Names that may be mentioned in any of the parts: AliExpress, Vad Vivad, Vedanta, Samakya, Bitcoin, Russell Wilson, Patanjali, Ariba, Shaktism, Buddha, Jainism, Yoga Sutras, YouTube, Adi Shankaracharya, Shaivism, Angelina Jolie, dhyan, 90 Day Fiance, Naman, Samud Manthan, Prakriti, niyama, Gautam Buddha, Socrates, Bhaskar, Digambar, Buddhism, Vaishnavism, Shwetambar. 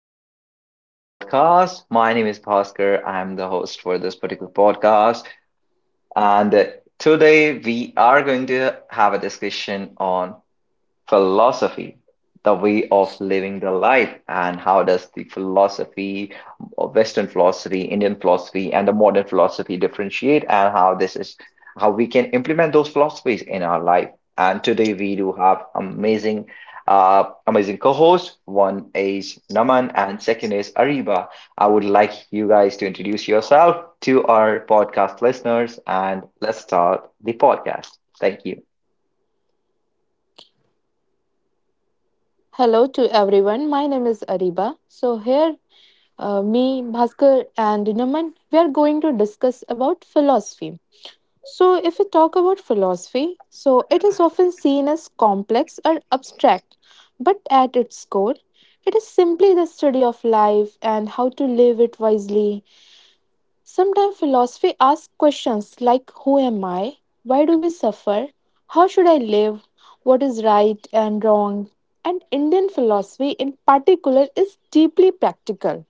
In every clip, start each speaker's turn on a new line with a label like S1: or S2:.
S1: Welcome back to the podcast. My name is Bhaskar. I'm the host for this particular podcast. And Today we are going to have a discussion on philosophy, the way of living the life, and how does the philosophy, Western philosophy, Indian philosophy, and the modern philosophy differentiate, and how this is how we can implement those philosophies in our life. And today we do have amazing co-hosts. One is Naman, and second is Ariba. I would like you guys to introduce yourself to our podcast listeners, and let's start the podcast. Thank you.
S2: Hello to everyone. My name is Ariba. So here, me, Bhaskar, and Naman, we are going to discuss about philosophy. So if we talk about philosophy, so it is often seen as complex or abstract, but at its core, it is simply the study of life and how to live it wisely. Sometimes philosophy asks questions like, who am I? Why do we suffer? How should I live? What is right and wrong? And Indian philosophy, in particular, is deeply practical.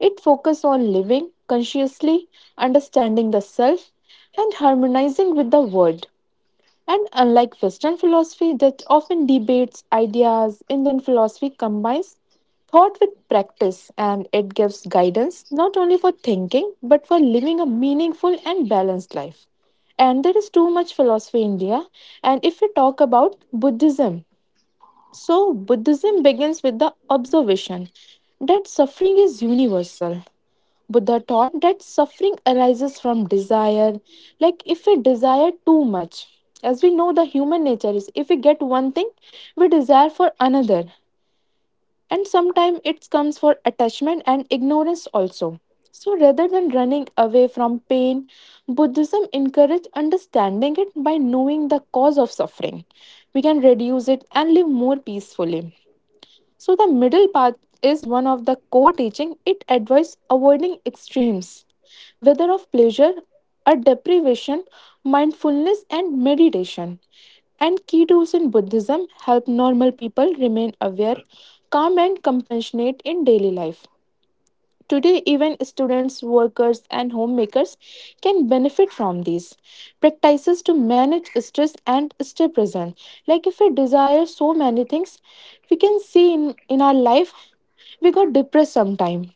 S2: It focuses on living consciously, understanding the self, and harmonizing with the world. And unlike Western philosophy that often debates ideas, Indian philosophy combines thought with practice, and it gives guidance not only for thinking but for living a meaningful and balanced life. And there is too much philosophy in India. And if we talk about Buddhism, so Buddhism begins with the observation that suffering is universal. Buddha taught that suffering arises from desire. Like if we desire too much, as we know, the human nature is if we get one thing, we desire for another. And sometimes it comes for attachment and ignorance also. So rather than running away from pain, Buddhism encourages understanding it. By knowing the cause of suffering, we can reduce it and live more peacefully. So the middle path is one of the core teaching. It advises avoiding extremes, whether of pleasure or deprivation, mindfulness and meditation. And key tools in Buddhism help normal people remain aware, calm and compassionate in daily life. Today, even students, workers, and homemakers can benefit from these practices to manage stress and stay present. Like, if we desire so many things, we can see in our life we got depressed sometime.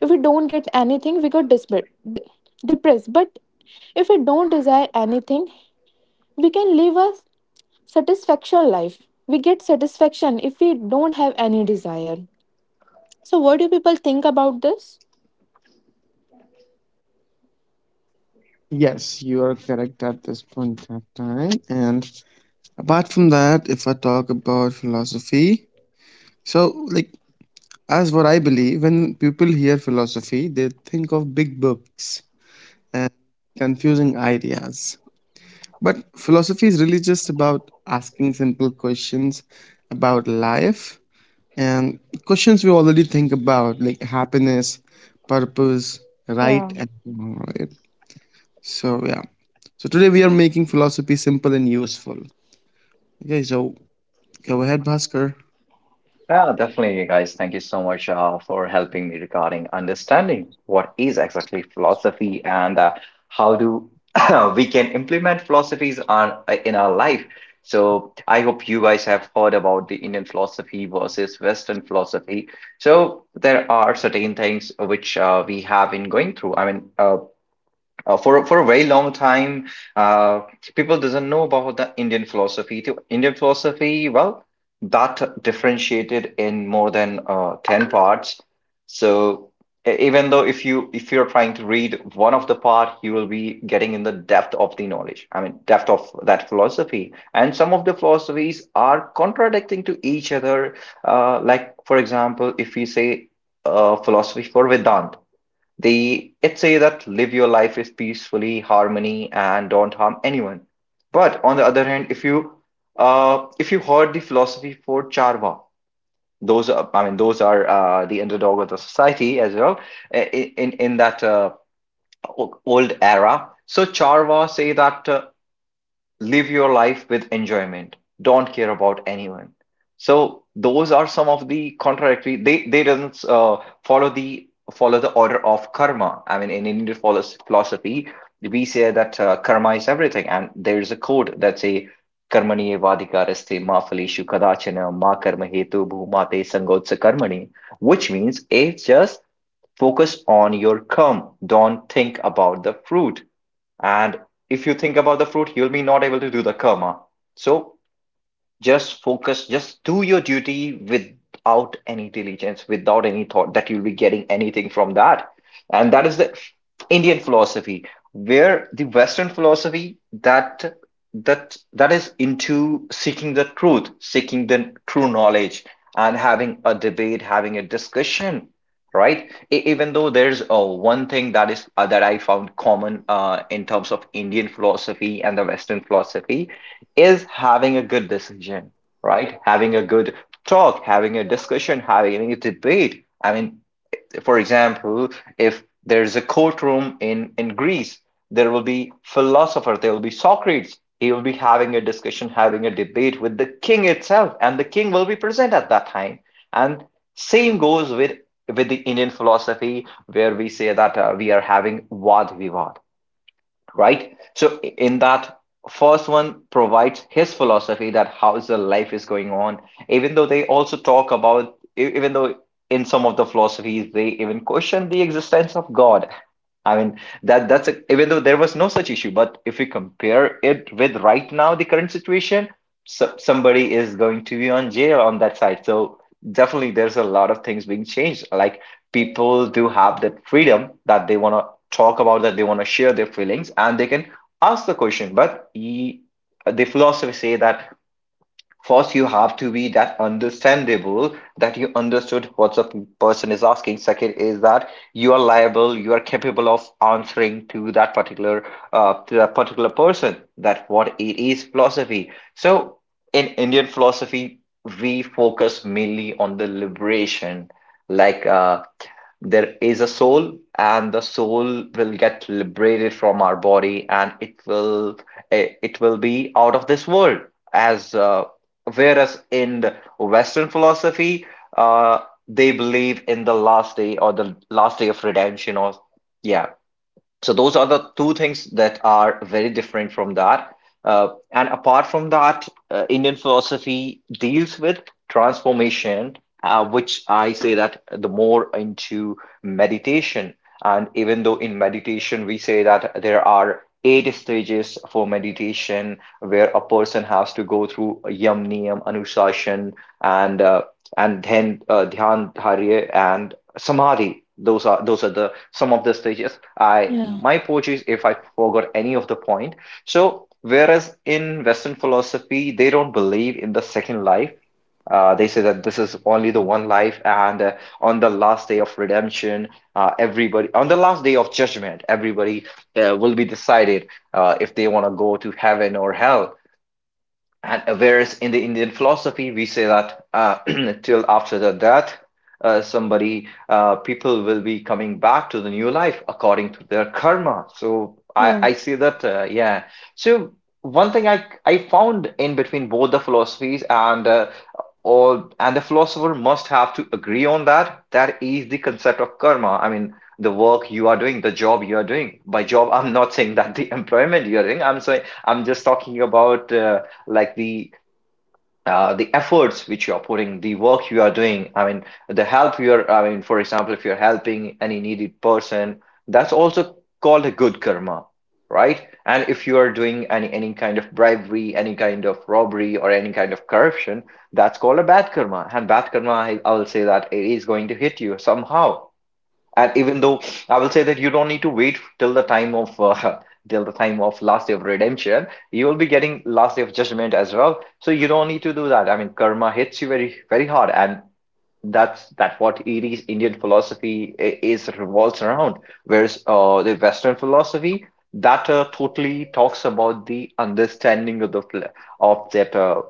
S2: If we don't get anything, we got desperate, depressed. But if we don't desire anything, we can live a satisfaction life. We get satisfaction if we don't have any desire. So, what do people think about this?
S3: Yes, you are correct at this point of time. And apart from that, if I talk about philosophy, so like as what I believe, when people hear philosophy, they think of big books and confusing ideas. But philosophy is really just about asking simple questions about life and questions we already think about, like happiness, purpose, right
S2: Yeah.
S3: and wrong, right? So, yeah. So, today we are making philosophy simple and useful. Okay, so go ahead, Bhaskar.
S1: Yeah, definitely, guys. Thank you so much for helping me regarding understanding what is exactly philosophy and how do we can implement philosophies on in our life. So I hope you guys have heard about the Indian philosophy versus Western philosophy. So there are certain things which we have been going through. For a very long time uh, people doesn't know about the Indian philosophy. The Indian philosophy, well, that differentiated in more than 10 parts. So Even though if you if you're trying to read one of the part, you will be getting in the depth of the knowledge, I mean depth of that philosophy, and some of the philosophies are contradicting to each other. Like for example, if we say philosophy for Vedanta, the it say that live your life is peacefully, harmony, and don't harm anyone. But on the other hand, if you heard the philosophy for Charva, those are, I mean those are the underdog of the society as well i- in that old era. So Charva say that live your life with enjoyment, don't care about anyone. So those are some of the contradictory, they doesn't follow the order of karma. I mean, in Indian philosophy, we say that karma is everything, and there is a code that say karmani evadikaraste ma phaleshu kadachana ma karma hetu bhumate sangotsa karmani, which means it's just focus on your karma, don't think about the fruit. And if you think about the fruit, you'll be not able to do the karma. So just focus, just do your duty without any diligence, without any thought that you'll be getting anything from that. And that is the Indian philosophy, where the Western philosophy that is into seeking the truth, seeking the true knowledge, and having a debate, having a discussion, right? Even though there's one thing that is that I found common in terms of Indian philosophy and the Western philosophy is having a good decision, right? Having a good talk, having a discussion, having a debate. I mean, for example, if there's a courtroom in Greece, there will be philosopher, there will be Socrates. He will be having a discussion, having a debate with the king itself, and the king will be present at that time. And same goes with the Indian philosophy, where we say that we are having Vad Vivad, right? So in that, first one provides his philosophy that how the life is going on, even though they also talk about, even though in some of the philosophies they even question the existence of God. I mean, that's a, even though there was no such issue, but if we compare it with right now the current situation, so somebody is going to be on jail on that side. So definitely there's a lot of things being changed. Like, people do have that freedom that they want to talk about, that they want to share their feelings, and they can ask the question. But he, the philosophy say that first, you have to be that understandable that you understood what the person is asking. Second is that you are liable, you are capable of answering to that particular person that what it is philosophy. So in Indian philosophy, we focus mainly on the liberation, like there is a soul, and the soul will get liberated from our body, and it will it will be out of this world as whereas in the western philosophy uh, they believe in the last day, or the last day of redemption, or yeah. So those are the two things that are very different from that. And apart from that, Indian philosophy deals with transformation, which I say that the more into meditation. And even though in meditation, we say that there are eight stages for meditation, where a person has to go through yam niyam, anushasan, and uh, and then dhyan dharya and samadhi. Those are the some of the stages. I,
S2: Yeah.
S1: my apologies if I forgot any of the point. So whereas in western philosophy, they don't believe in the second life. They say that this is only the one life, and on the last day of redemption, everybody, on the last day of judgment, everybody will be decided if they want to go to heaven or hell. And Whereas in the Indian philosophy, we say that till after the death, people will be coming back to the new life according to their karma. So
S2: Yeah,
S1: I see that, yeah. So one thing I found in between both the philosophies, and the philosopher must have to agree on that, that is the concept of karma. I mean, the work you are doing, the job you are doing. By job, I'm not saying that the employment you are doing. I'm saying, I'm just talking about like the the efforts which you're putting, the work you are doing, I mean, the help you're, I mean, for example, if you're helping any needed person, that's also called a good karma, right? And if you are doing any kind of bribery, any kind of robbery, or any kind of corruption, that's called a bad karma. And bad karma, I'll say that it is going to hit you somehow. And even though I will say that you don't need to wait till the time of till the time of Last Day of Redemption, you will be getting Last Day of Judgment as well. So you don't need to do that. I mean, karma hits you very hard, and that what Erie's Indian philosophy is revolves around. Whereas the Western philosophy that totally talks about the understanding of the pl- of that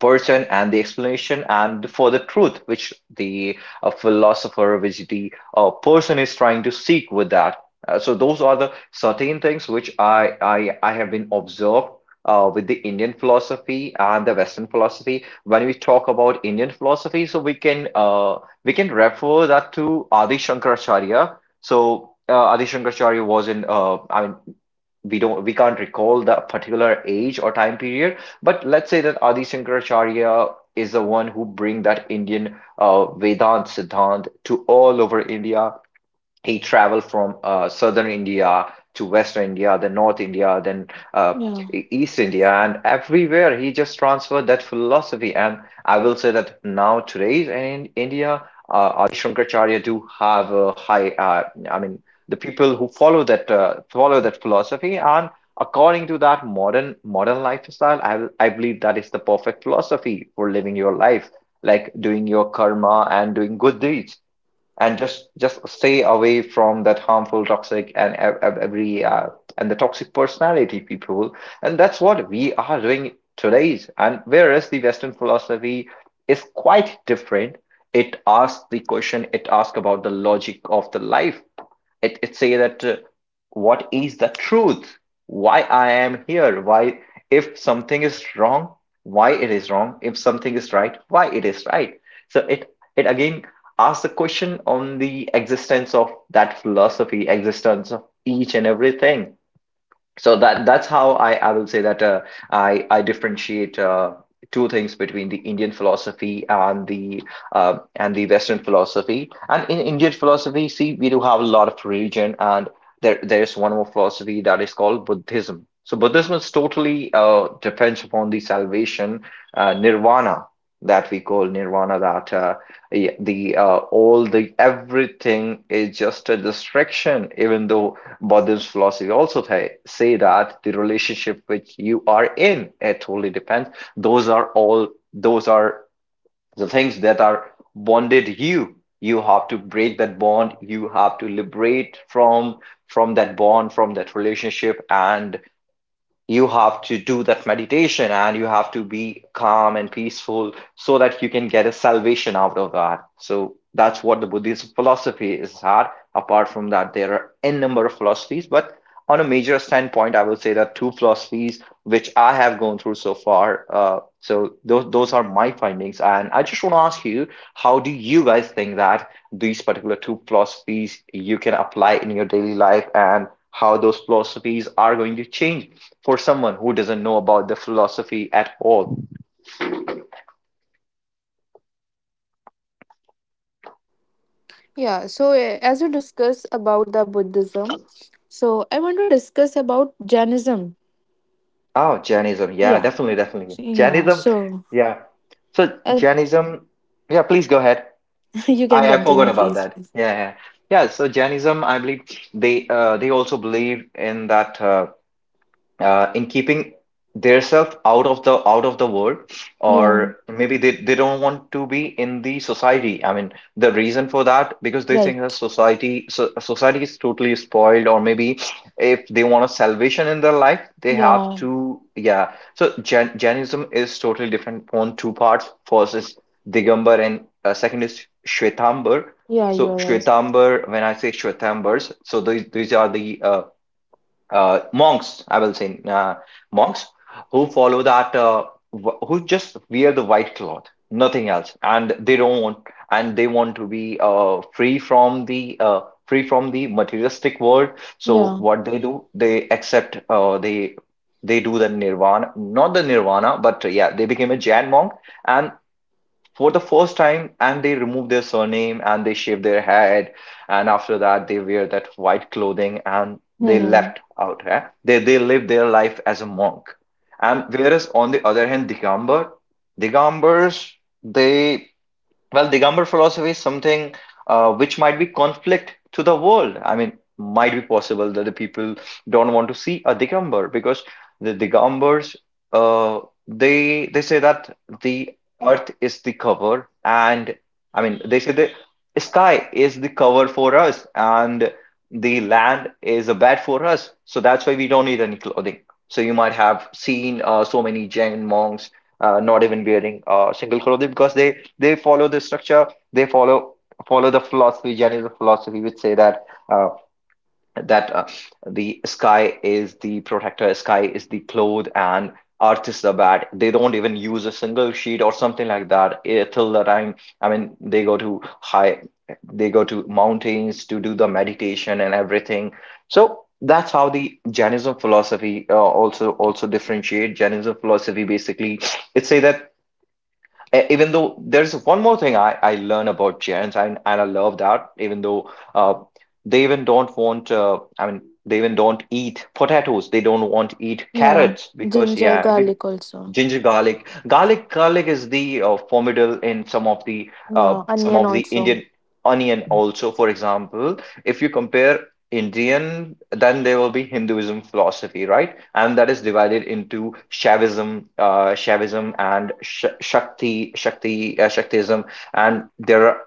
S1: person, and the explanation and for the truth which the person is trying to seek with that. So those are the certain things which I have been observed with the Indian philosophy and the Western philosophy. When we talk about Indian philosophy, so we can refer that to Adi Shankaracharya. So Adi Shankaracharya was in I mean, we can't recall the particular age or time period, but let's say that Adi Shankaracharya is the one who bring that Indian vedant siddhant to all over India. He traveled from southern India to western India, then north India, then uh,
S2: yeah,
S1: east India, and everywhere he just transferred that philosophy. And I will say that now today's in India, Adi Shankaracharya do have a high. I mean, the people who follow that philosophy, and according to that modern lifestyle, I believe that is the perfect philosophy for living your life, like doing your karma and doing good deeds, and just stay away from that harmful toxic and ev- ev- every and the toxic personality people. And that's what we are doing today's. And whereas the western philosophy is quite different. It asks the question, it asks about the logic of the life. It say that what is the truth, why I am here, why, if something is wrong, why it is wrong, if something is right, why it is right. So it again asks the question on the existence of that philosophy, existence of each and everything. So that's how I will say that I differentiate two things between the Indian philosophy and the Western philosophy. And in Indian philosophy, see, we do have a lot of religion, and there is one more philosophy that is called Buddhism. So Buddhism is totally depends upon the salvation, uh, nirvana nirvana. That the, all The everything is just a distraction, even though Buddhist philosophy also say that the relationship which you are in, it totally depends. Those are all those are the things that are bonded you. You have to break that bond. You have to liberate from that bond, from that relationship, and you have to do that meditation and you have to be calm and peaceful so that you can get a salvation out of that, so that's what the Buddhist philosophy is at. Apart from that there are n number of philosophies, but on a major standpoint I will say that two philosophies which I have gone through so far, so those are my findings, and I just want to ask you, how do you guys think that these particular two philosophies you can apply in your daily life, and how those philosophies are going to change for someone who doesn't know about the philosophy at all?
S2: yeah. So, eh, as we discuss about the Buddhism, so I want to discuss about Jainism.
S1: Oh, Jainism. Yeah,
S2: Yeah,
S1: definitely, definitely.
S2: so- yeah.
S1: Jainism,
S2: So,
S1: yeah. So
S2: uh,
S1: Jainism, yeah, please go ahead.
S2: you can
S1: I forgot
S2: continue,
S1: about
S2: please.
S1: that.
S2: Please.
S1: Yeah, yeah. Yeah, so Jainism, I believe they also believe in that, in keeping themselves out of the world
S2: Yeah,
S1: or maybe they don't want to be in the society. I mean, the reason for that, because they think that
S2: right.
S1: society, so, society is totally spoiled, or maybe if they want a salvation in their life, they have
S2: Yeah,
S1: to. Yeah, so Jainism is totally different on two parts. First is Digambar, and second is Shwetambar.
S2: yeah,
S1: So
S2: you're right.
S1: Shwetambar, when I say Shwetambars, so these are the monks, I will say, monks who follow that, who just wear the white cloth, nothing else, and they don't want, and they want to be free from the materialistic world. So
S2: Yeah,
S1: what they do, they accept, they do the nirvana, not the nirvana, but yeah, they became a Jain monk, and for the first time, and they remove their surname and they shave their head, and after that they wear that white clothing and they
S2: mm-hmm.
S1: left out. Eh? They live their life as a monk. And whereas on the other hand, digambar digambars they well, Digambar philosophy is something which might be conflict to the world. I mean, might be possible that the people don't want to see a Digambar, because the Digambars, uh, they say that the earth is the cover, and I mean they say the sky is the cover for us, and the land is a bed for us. So that's why we don't need any clothing. So you might have seen so many Jain monks not even wearing a single clothing, because they follow the structure, they follow the philosophy, general philosophy, which say that uh, that uh, the sky is the protector, sky is the cloth, and earth is the bat. They don't even use a single sheet or something like that, till the time. I mean, they go to mountains to do the meditation and everything. So that's how the Jainism philosophy also differentiate. Jainism philosophy basically, it say that, even though there's one more thing I learn about Giants, and, I love that. Even though they even don't want, I mean, they even don't eat potatoes. They don't want to eat
S2: Yeah.
S1: carrots because,
S2: Ginger,
S1: yeah,
S2: garlic also.
S1: Ginger garlic. Garlic is the formidable in some of the
S2: Yeah, onion also.
S1: Indian onion also. For example, if you compare Indian, then there will be Hinduism philosophy, right? And that is divided into Shaivism and Shaktism, and there are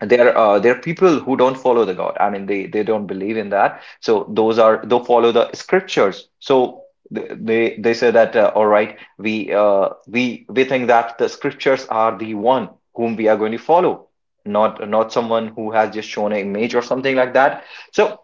S1: there are people who don't follow the god. I mean, they don't believe in that, so those are they follow the scriptures. So they say that, all right, we think that the scriptures are the one whom we are going to follow, not someone who has just shown an image or something like that. So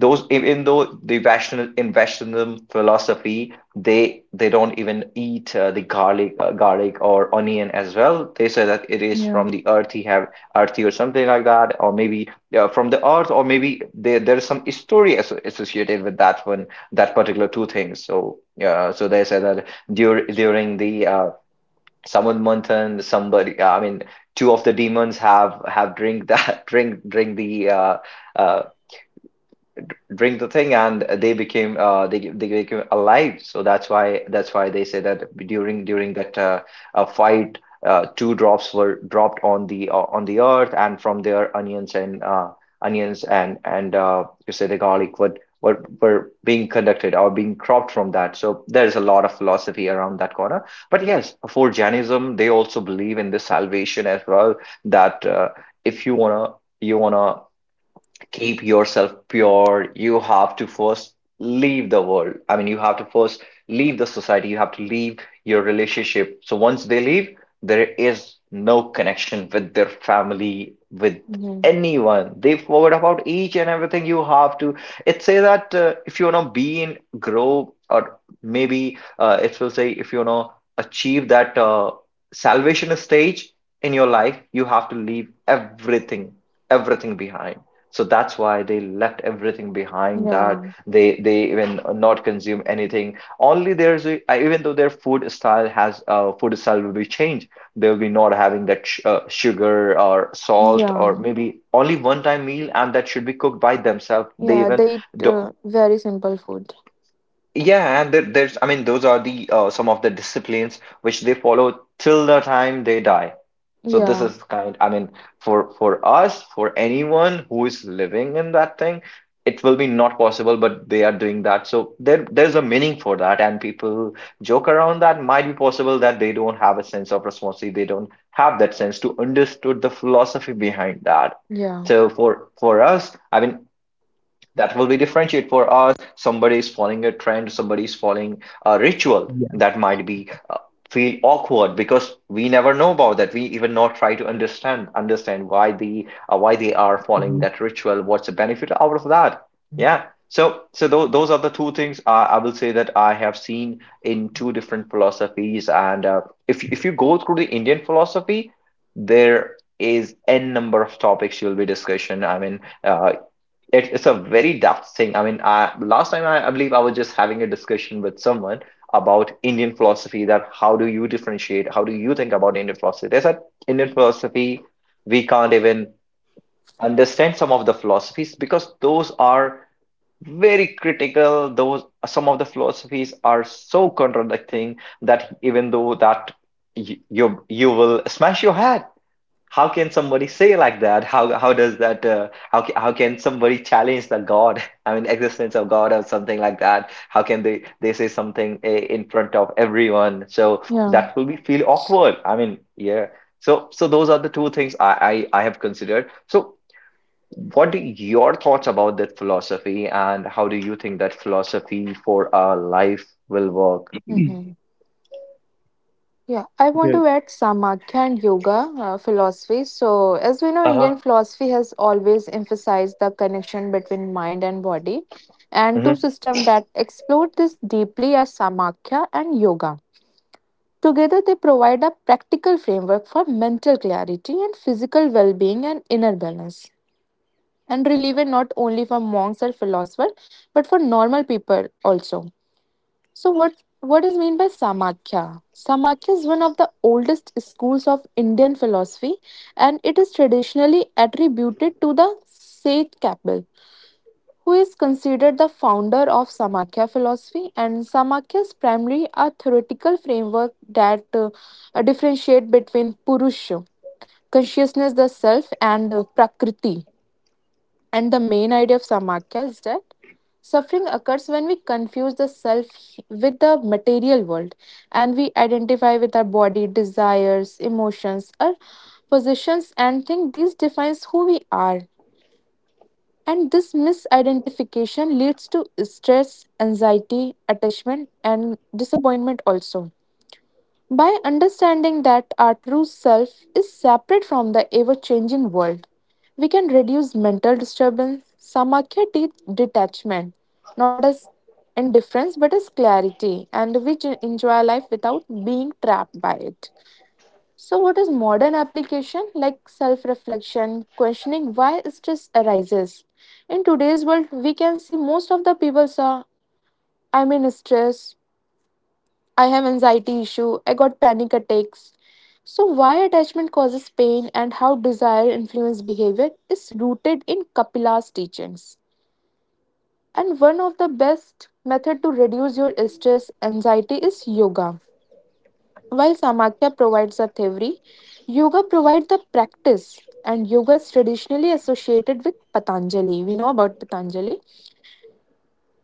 S1: even though in Vaishnavism philosophy, they don't even eat, the garlic or onion as well. They say that it is
S2: Yeah,
S1: from the earth, he have, earthy or something like that, or maybe, yeah, from the earth, or maybe there's some story as associated with that one, that particular two things. So yeah, so they said that during the Samud Manthan, somebody, I mean, two of the demons have drink that uh, drink the thing, and they became they became alive, so that's why, they say that, during that, fight, two drops were dropped on the, earth and from there, onions and onions and you say the garlic would, were being conducted or being cropped from that. So there's a lot of philosophy around that corner, but yes, for Jainism, they also believe in this salvation as well, that if you want to, keep yourself pure, you have to first leave the world. I mean, you have to first leave the society, you have to leave your relationship. So once they leave, there is no connection with their family, with
S2: mm-hmm.
S1: anyone. They forget about each and everything. You have to it say that, if you want to be in grow, or maybe it will say, if you want to achieve that salvation stage in your life, you have to leave everything everything behind. So that's why they left everything behind that.
S2: Yeah,
S1: They even not consume anything. Only even though their food style will be changed. They'll be not having that sh sugar or salt, or
S2: yeah,
S1: maybe only one time meal, and that should be cooked by themselves. They
S2: yeah.
S1: even
S2: They eat
S1: do,
S2: very simple food.
S1: yeah, and there's, I mean, those are the some of the disciplines which they follow till the time they die. So
S2: Yeah,
S1: I mean, for us, for anyone who is living in that thing, it will be not possible, but they are doing that. So there's a meaning for that, and people joke around that might be possible that they don't have a sense of responsibility, they don't have that sense to understood the philosophy behind that.
S2: yeah,
S1: So for us, I mean, that will be differentiate. For us, somebody is following a trend, somebody is following a ritual,
S3: Yeah.
S1: that might be feel awkward, because we never know about that. We even not try to understand why they are
S3: Mhm.
S1: following that ritual, what's the benefit out of that. Yeah, so those are the two things, I will say that I have seen in two different philosophies. And if you go through the Indian philosophy, there is n number of topics, you'll be discussion. I mean, it's a very daft thing. I mean, I, last time I believe I was just having a discussion with someone about Indian philosophy. That, how do you differentiate? How do you think about Indian philosophy? They said, Indian philosophy, we can't even understand some of the philosophies because those are very critical. Those, some of the philosophies are so contradicting that, even though that you, you will smash your head. How can somebody say like that? How does that, how can somebody challenge the god? I mean, existence of god or something like that. How can they say something, in front of everyone, so
S2: yeah.
S1: that will be feel awkward, I mean, yeah. So those are the two things I have considered. So what are your thoughts about that philosophy, and how do you think that philosophy for our life will work?
S2: Yeah, I
S3: Okay.
S2: want to add Samakya and yoga philosophy. So, as we know, Indian
S1: Uh-huh.
S2: philosophy has always emphasized the connection between mind and body, and two
S1: Mhm.
S2: systems that explore this deeply are Samakya and yoga. Together, they provide a practical framework for mental clarity and physical well being and inner balance, and relevant not only for monks or philosophers, but for normal people also. So what is mean by Samakya? Samakya is one of the oldest schools of Indian philosophy, and it is traditionally attributed to the Seth Kapil, who is considered the founder of Samakya philosophy. And Samakya is primarily a theoretical framework that differentiate between Purusha, consciousness the self, and Prakriti. And the main idea of Samakya is that suffering occurs when we confuse the self with the material world, and we identify with our body, desires, emotions, or positions, and think this defines who we are. And this misidentification leads to stress, anxiety, attachment, and disappointment also. By understanding that our true self is separate from the ever changing world, we can reduce mental disturbance. Samakya teach detachment, not as indifference but as clarity, and we enjoy life without being trapped by it. So, what is modern application like self reflection, questioning why stress arises? In today's world, we can see most of the people are, I mean, stressed. I have anxiety issue, I got panic attacks. So why attachment causes pain and how desire influence behavior is rooted in Kapila's teachings. And one of the best method to reduce your stress anxiety is yoga. While Samakya provides the theory, yoga provides the practice, and yoga is traditionally associated with Patanjali. We know about Patanjali,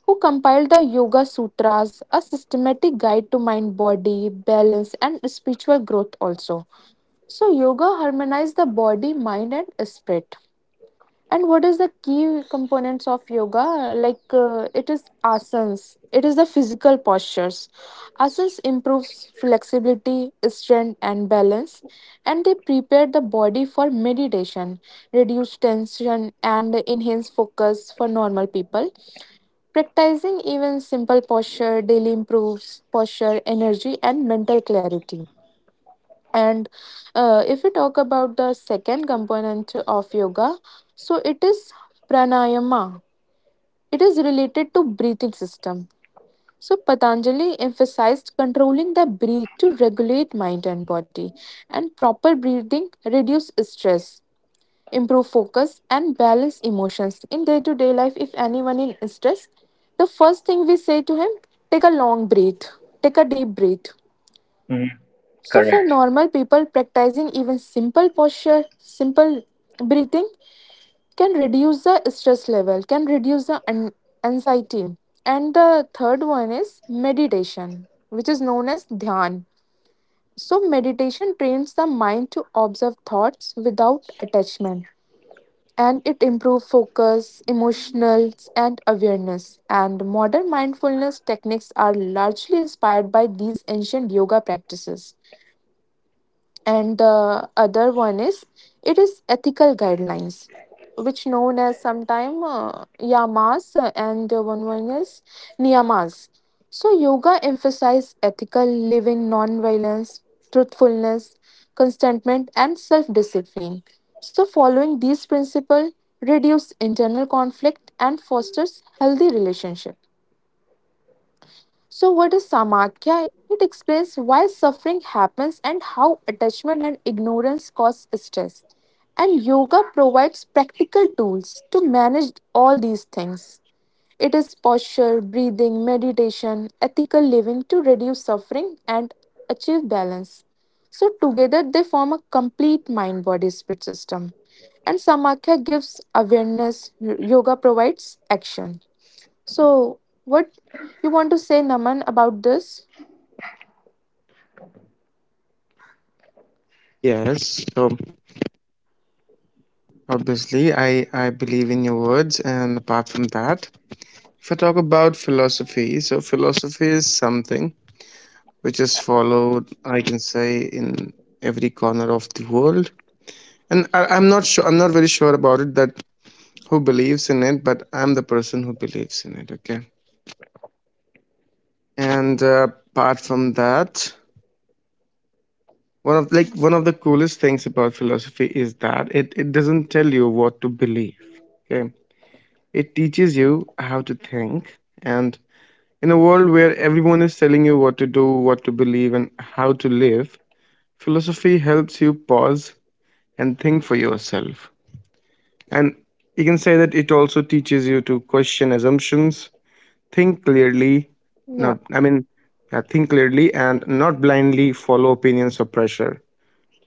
S2: who compiled the Yoga Sutras, a systematic guide to mind body balance and spiritual growth also. So yoga harmonizes the body, mind and spirit. And what is the key components of yoga? Like it is asanas. It is the physical postures. Asanas improves flexibility, strength and balance, and they prepare the body for meditation, reduce tension and enhance focus for normal people. Practicing even simple posture daily improves posture, energy, and mental clarity. And if we talk about the second component of yoga, so it is pranayama. It is related to breathing system. So Patanjali emphasized controlling the breath to regulate mind and body, and proper breathing reduce stress, improve focus, and balance emotions. In day to day life, if anyone in stress, the first thing we say to him, take a long breath, take a deep breath.
S1: Mhm.
S2: So, for
S1: Correct.
S2: normal people, practicing even simple posture, simple breathing can reduce the stress level, can reduce the anxiety. And the third one is meditation, which is known as dhyan. So, meditation trains the mind to observe thoughts without attachment, and it improves focus, emotionals, and awareness. And modern mindfulness techniques are largely inspired by these ancient yoga practices. And the other one is, it is ethical guidelines, which known as sometime yamas and one is niyamas. So yoga emphasizes ethical living, non-violence, truthfulness, contentment and self-discipline. So following these principles reduce internal conflict and fosters healthy relationship. So, what is Samakya? It explains why suffering happens and how attachment and ignorance cause stress. And yoga provides practical tools to manage all these things. It is posture, breathing, meditation, ethical living to reduce suffering and achieve balance. So, together they form a complete mind body spirit system. And Samakya gives awareness, yoga provides action. So, what you want to say, Naman, about this?
S3: Yes, so obviously I believe in your words, and apart from that, if I talk about philosophy, so philosophy is something which is followed, I can say, in every corner of the world. And I'm not very sure about it that who believes in it, but I'm the person who believes in it, okay? And apart from that, one of the coolest things about philosophy is that it doesn't tell you what to believe. Okay. It teaches you how to think. And in a world where everyone is telling you what to do, what to believe, and how to live, philosophy helps you pause and think for yourself. And you can say that it also teaches you to question assumptions. Think clearly,
S2: Yeah.
S3: not, I mean, yeah, think clearly and not blindly follow opinions or pressure.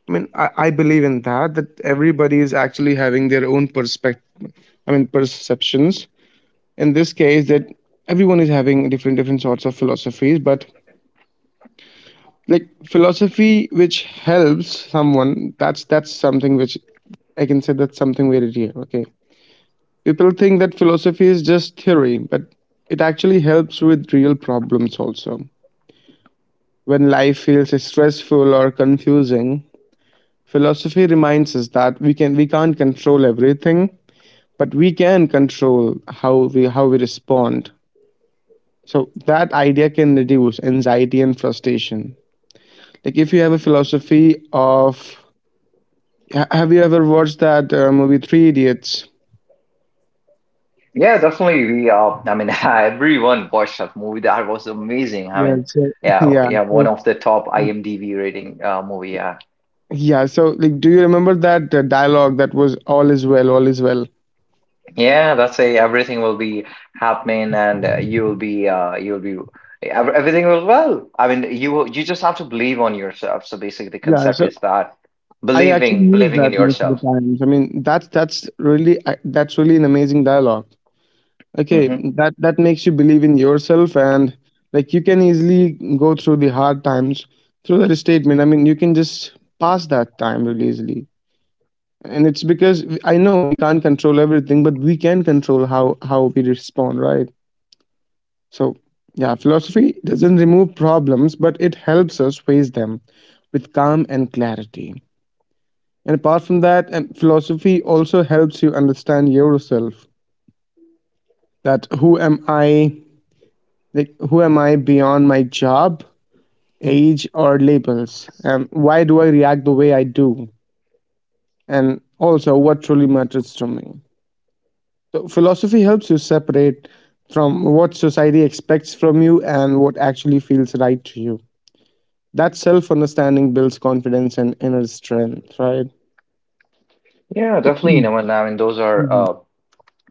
S3: I believe in that, that everybody is actually having their own perspective, perceptions. In this case, that everyone is having different, different sorts of philosophies, but like philosophy which helps someone, that's something which I can say that's something very real. Okay. People think that philosophy is just theory, but it actually helps with real problems also. When life feels stressful or confusing, philosophy reminds us that we can't control everything, but we can control how we respond. So that idea can reduce anxiety and frustration. Like if you have a philosophy of have you ever watched that movie Three Idiots?
S1: Yeah, definitely. I mean, everyone watched that movie. That was amazing. I
S3: Yeah.
S1: mean,
S3: So
S1: yeah,
S3: yeah.
S1: yeah, one
S3: So
S1: of the top IMDb rating movie. Yeah,
S3: yeah. So like, do you remember that dialogue that was "All is well, all is well"?
S1: yeah. That's a, everything will be happening, and you will be, everything will well. I mean, you just have to believe on yourself. So basically, the
S3: Yeah.
S1: concept
S3: So
S1: is that,
S3: I actually use
S1: believing in
S3: that most of the
S1: yourself.
S3: times. I mean, that's really an amazing dialogue. Okay,
S1: Hmm.
S3: that that makes you believe in yourself, and like you can easily go through the hard times through that statement. I mean, you can just pass that time really easily. And it's because I know we can't control everything, but we can control how we respond, right? So, yeah, philosophy doesn't remove problems, but it helps us face them with calm and clarity. And apart from that, and philosophy also helps you understand yourself. That who am I? Like who am I beyond my job, age, or labels? And why do I react the way I do? And also, what truly matters to me? So philosophy helps you separate from what society expects from you and what actually feels right to you. That self-understanding builds confidence and inner strength, right?
S1: Yeah, definitely. You
S3: Mm,
S1: know, and I mean, those are
S3: mhm.
S1: uh,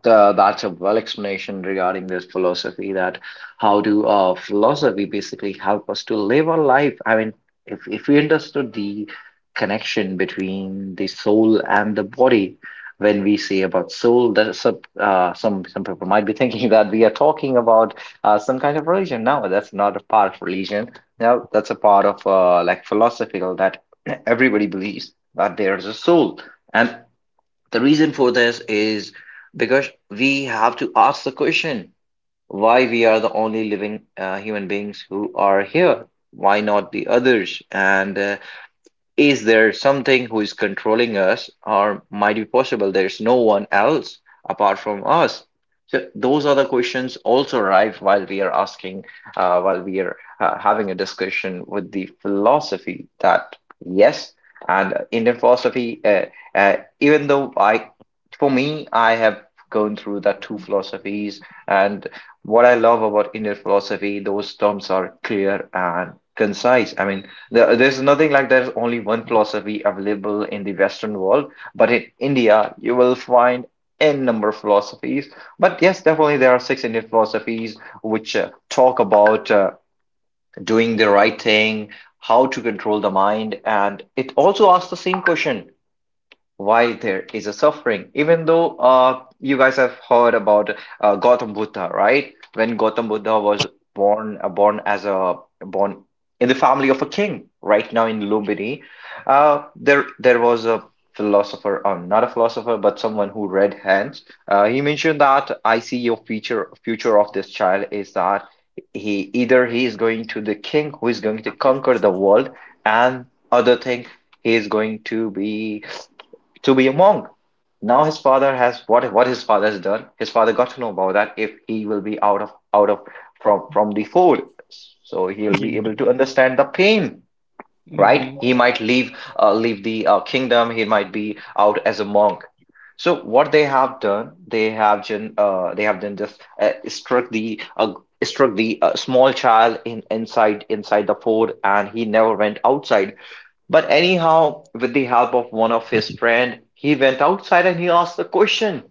S1: the, that's a well explanation regarding this philosophy that how do philosophy basically help us to live our life. I mean, if we understood the connection between the soul and the body. When we say about soul, that some people might be thinking that we are talking about some kind of religion, no, that's not a part of religion, no, that's a part of like philosophical, that everybody believes that there is a soul. And the reason for this is because we have to ask the question, why we are the only living human beings who are here? Why not the others? And is there something who is controlling us, or might be possible there's no one else apart from us? So those are the questions also arrive while we are asking, while we are having a discussion with the philosophy. That, yes, and Indian philosophy, even though for me, I have gone through the two philosophies. And what I love about Indian philosophy, those terms are clear and concise. I mean, There's nothing like there's only one philosophy available in the Western world, but in India, you will find n number of philosophies. But yes, definitely there are six Indian philosophies which talk about doing the right thing, how to control the mind. And it also asks the same question, why there is a suffering. Even though you guys have heard about Gautam Buddha, right? When Gautam Buddha was born born as a born in the family of a king, right now in Lumbini, there was a philosopher, not a philosopher but someone who read hands. He mentioned that, I see your future, of this child is that he either he is going to the king who is going to conquer the world, and other thing, he is going to be a monk. Now his father has what his father has done. His father got to know about that if he will be out of from the fold, so he'll
S3: Yeah.
S1: be able to understand the pain.
S3: Hmm.
S1: Right? He might leave leave the kingdom. He might be out as a monk. So what they have done, they have done just struck the small child in inside inside the fort, and he never went outside. But anyhow, with the help of one of his friend, he went outside and he asked the question,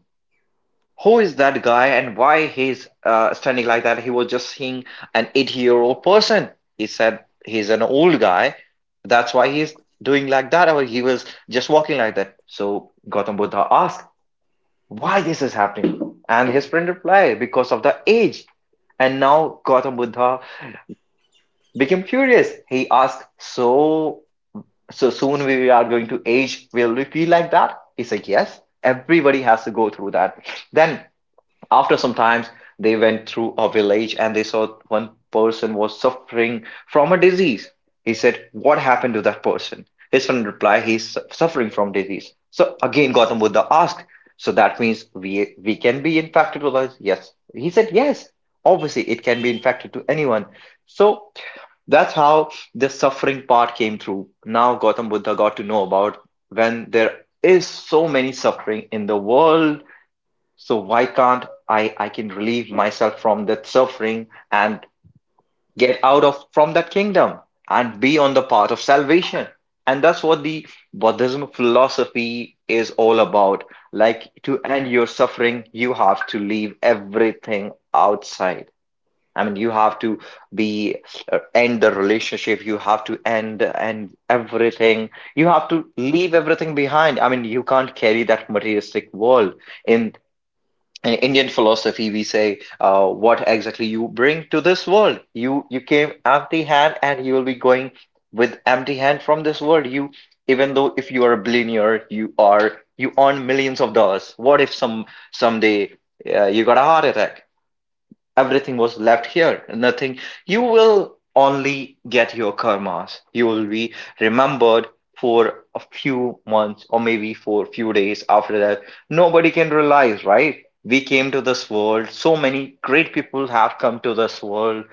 S1: "Who is that guy and why he's standing like that?" He was just seeing an 80-year-old person. He said he's an old guy. That's why he's doing like that, or he was just walking like that. So Gautam Buddha asked, "Why this is happening?" And his friend replied, "Because of the age." And now Gautam Buddha became curious. He asked, "So so soon we are going to age, will we feel like that?" He's like, "Yes, everybody has to go through that." Then after some times, they went through a village and they saw one person was suffering from a disease. He said, what happened to that person? His friend replied, he's suffering from disease. So again Gautam Buddha asked, so that means we can be infected with us? Yes, he said, yes, obviously it can be infected to anyone. So that's how the suffering part came through. Now Gautam Buddha got to know about, when there is so many suffering in the world, so why can't I can relieve myself from that suffering and get out of from that kingdom and be on the path of salvation? And that's what the Buddhism philosophy is all about. Like, to end your suffering, you have to leave everything outside. I mean, you have to be end the relationship. You have to end and everything. You have to leave everything behind. I mean, you can't carry that materialistic world. In, in Indian philosophy, we say, what exactly you bring to this world? You came empty hand, and you will be going with empty hand from this world. You, even though if you are a billionaire, you are you earn millions of dollars. What if some someday you got a heart attack? Everything was left here. Nothing. You will only get your karmas. You will be remembered for a few months or maybe for a few days after that. Nobody can realize, right? We came to this world. So many great people have come to this world.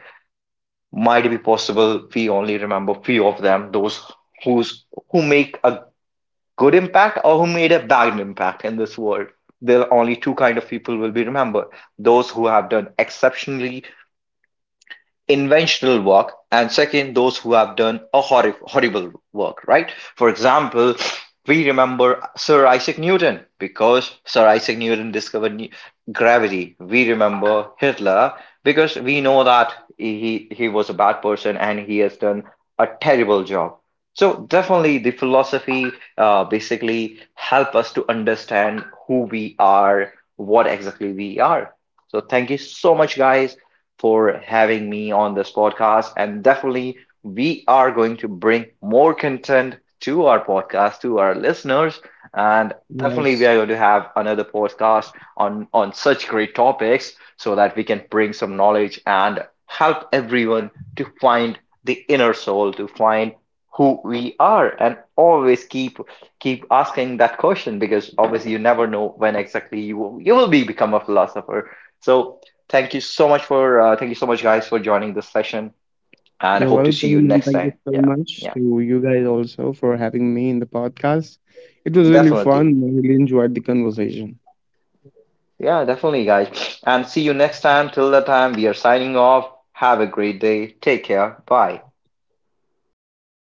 S1: Might be possible we only remember few of them, those who's who make a good impact or who made a bad impact in this world. There are only two kind of people will be remembered: those who have done exceptionally inventional work, and second, those who have done a horrible work, right? For example, we remember Sir Isaac Newton because Sir Isaac Newton discovered gravity. We remember Hitler because we know that he was a bad person and he has done a terrible job. So definitely the philosophy basically help us to understand who we are, what exactly we are. So thank you so much, guys, for having me on this podcast. And definitely, we are going to bring more content to our podcast, to our listeners. And definitely,
S3: Yes.
S1: we are going to have another podcast on such great topics so that we can bring some knowledge and help everyone to find the inner soul, to find who we are, and always keep asking that question. Because obviously you never know when exactly you will be become a philosopher. So thank you so much for thank you so much guys, for joining this session,
S3: You're
S1: and I hope to see
S3: welcome,
S1: you
S3: and thank
S1: next
S3: you so
S1: time. Yeah,
S3: much to
S1: yeah,
S3: you guys also for having me in the podcast. It was really fun. I
S1: definitely.
S3: really enjoyed the conversation.
S1: Yeah, definitely, guys. And see you next time. Till that time, we are signing off. Have a great day. Take care. Bye.
S3: Yeah, bye bye.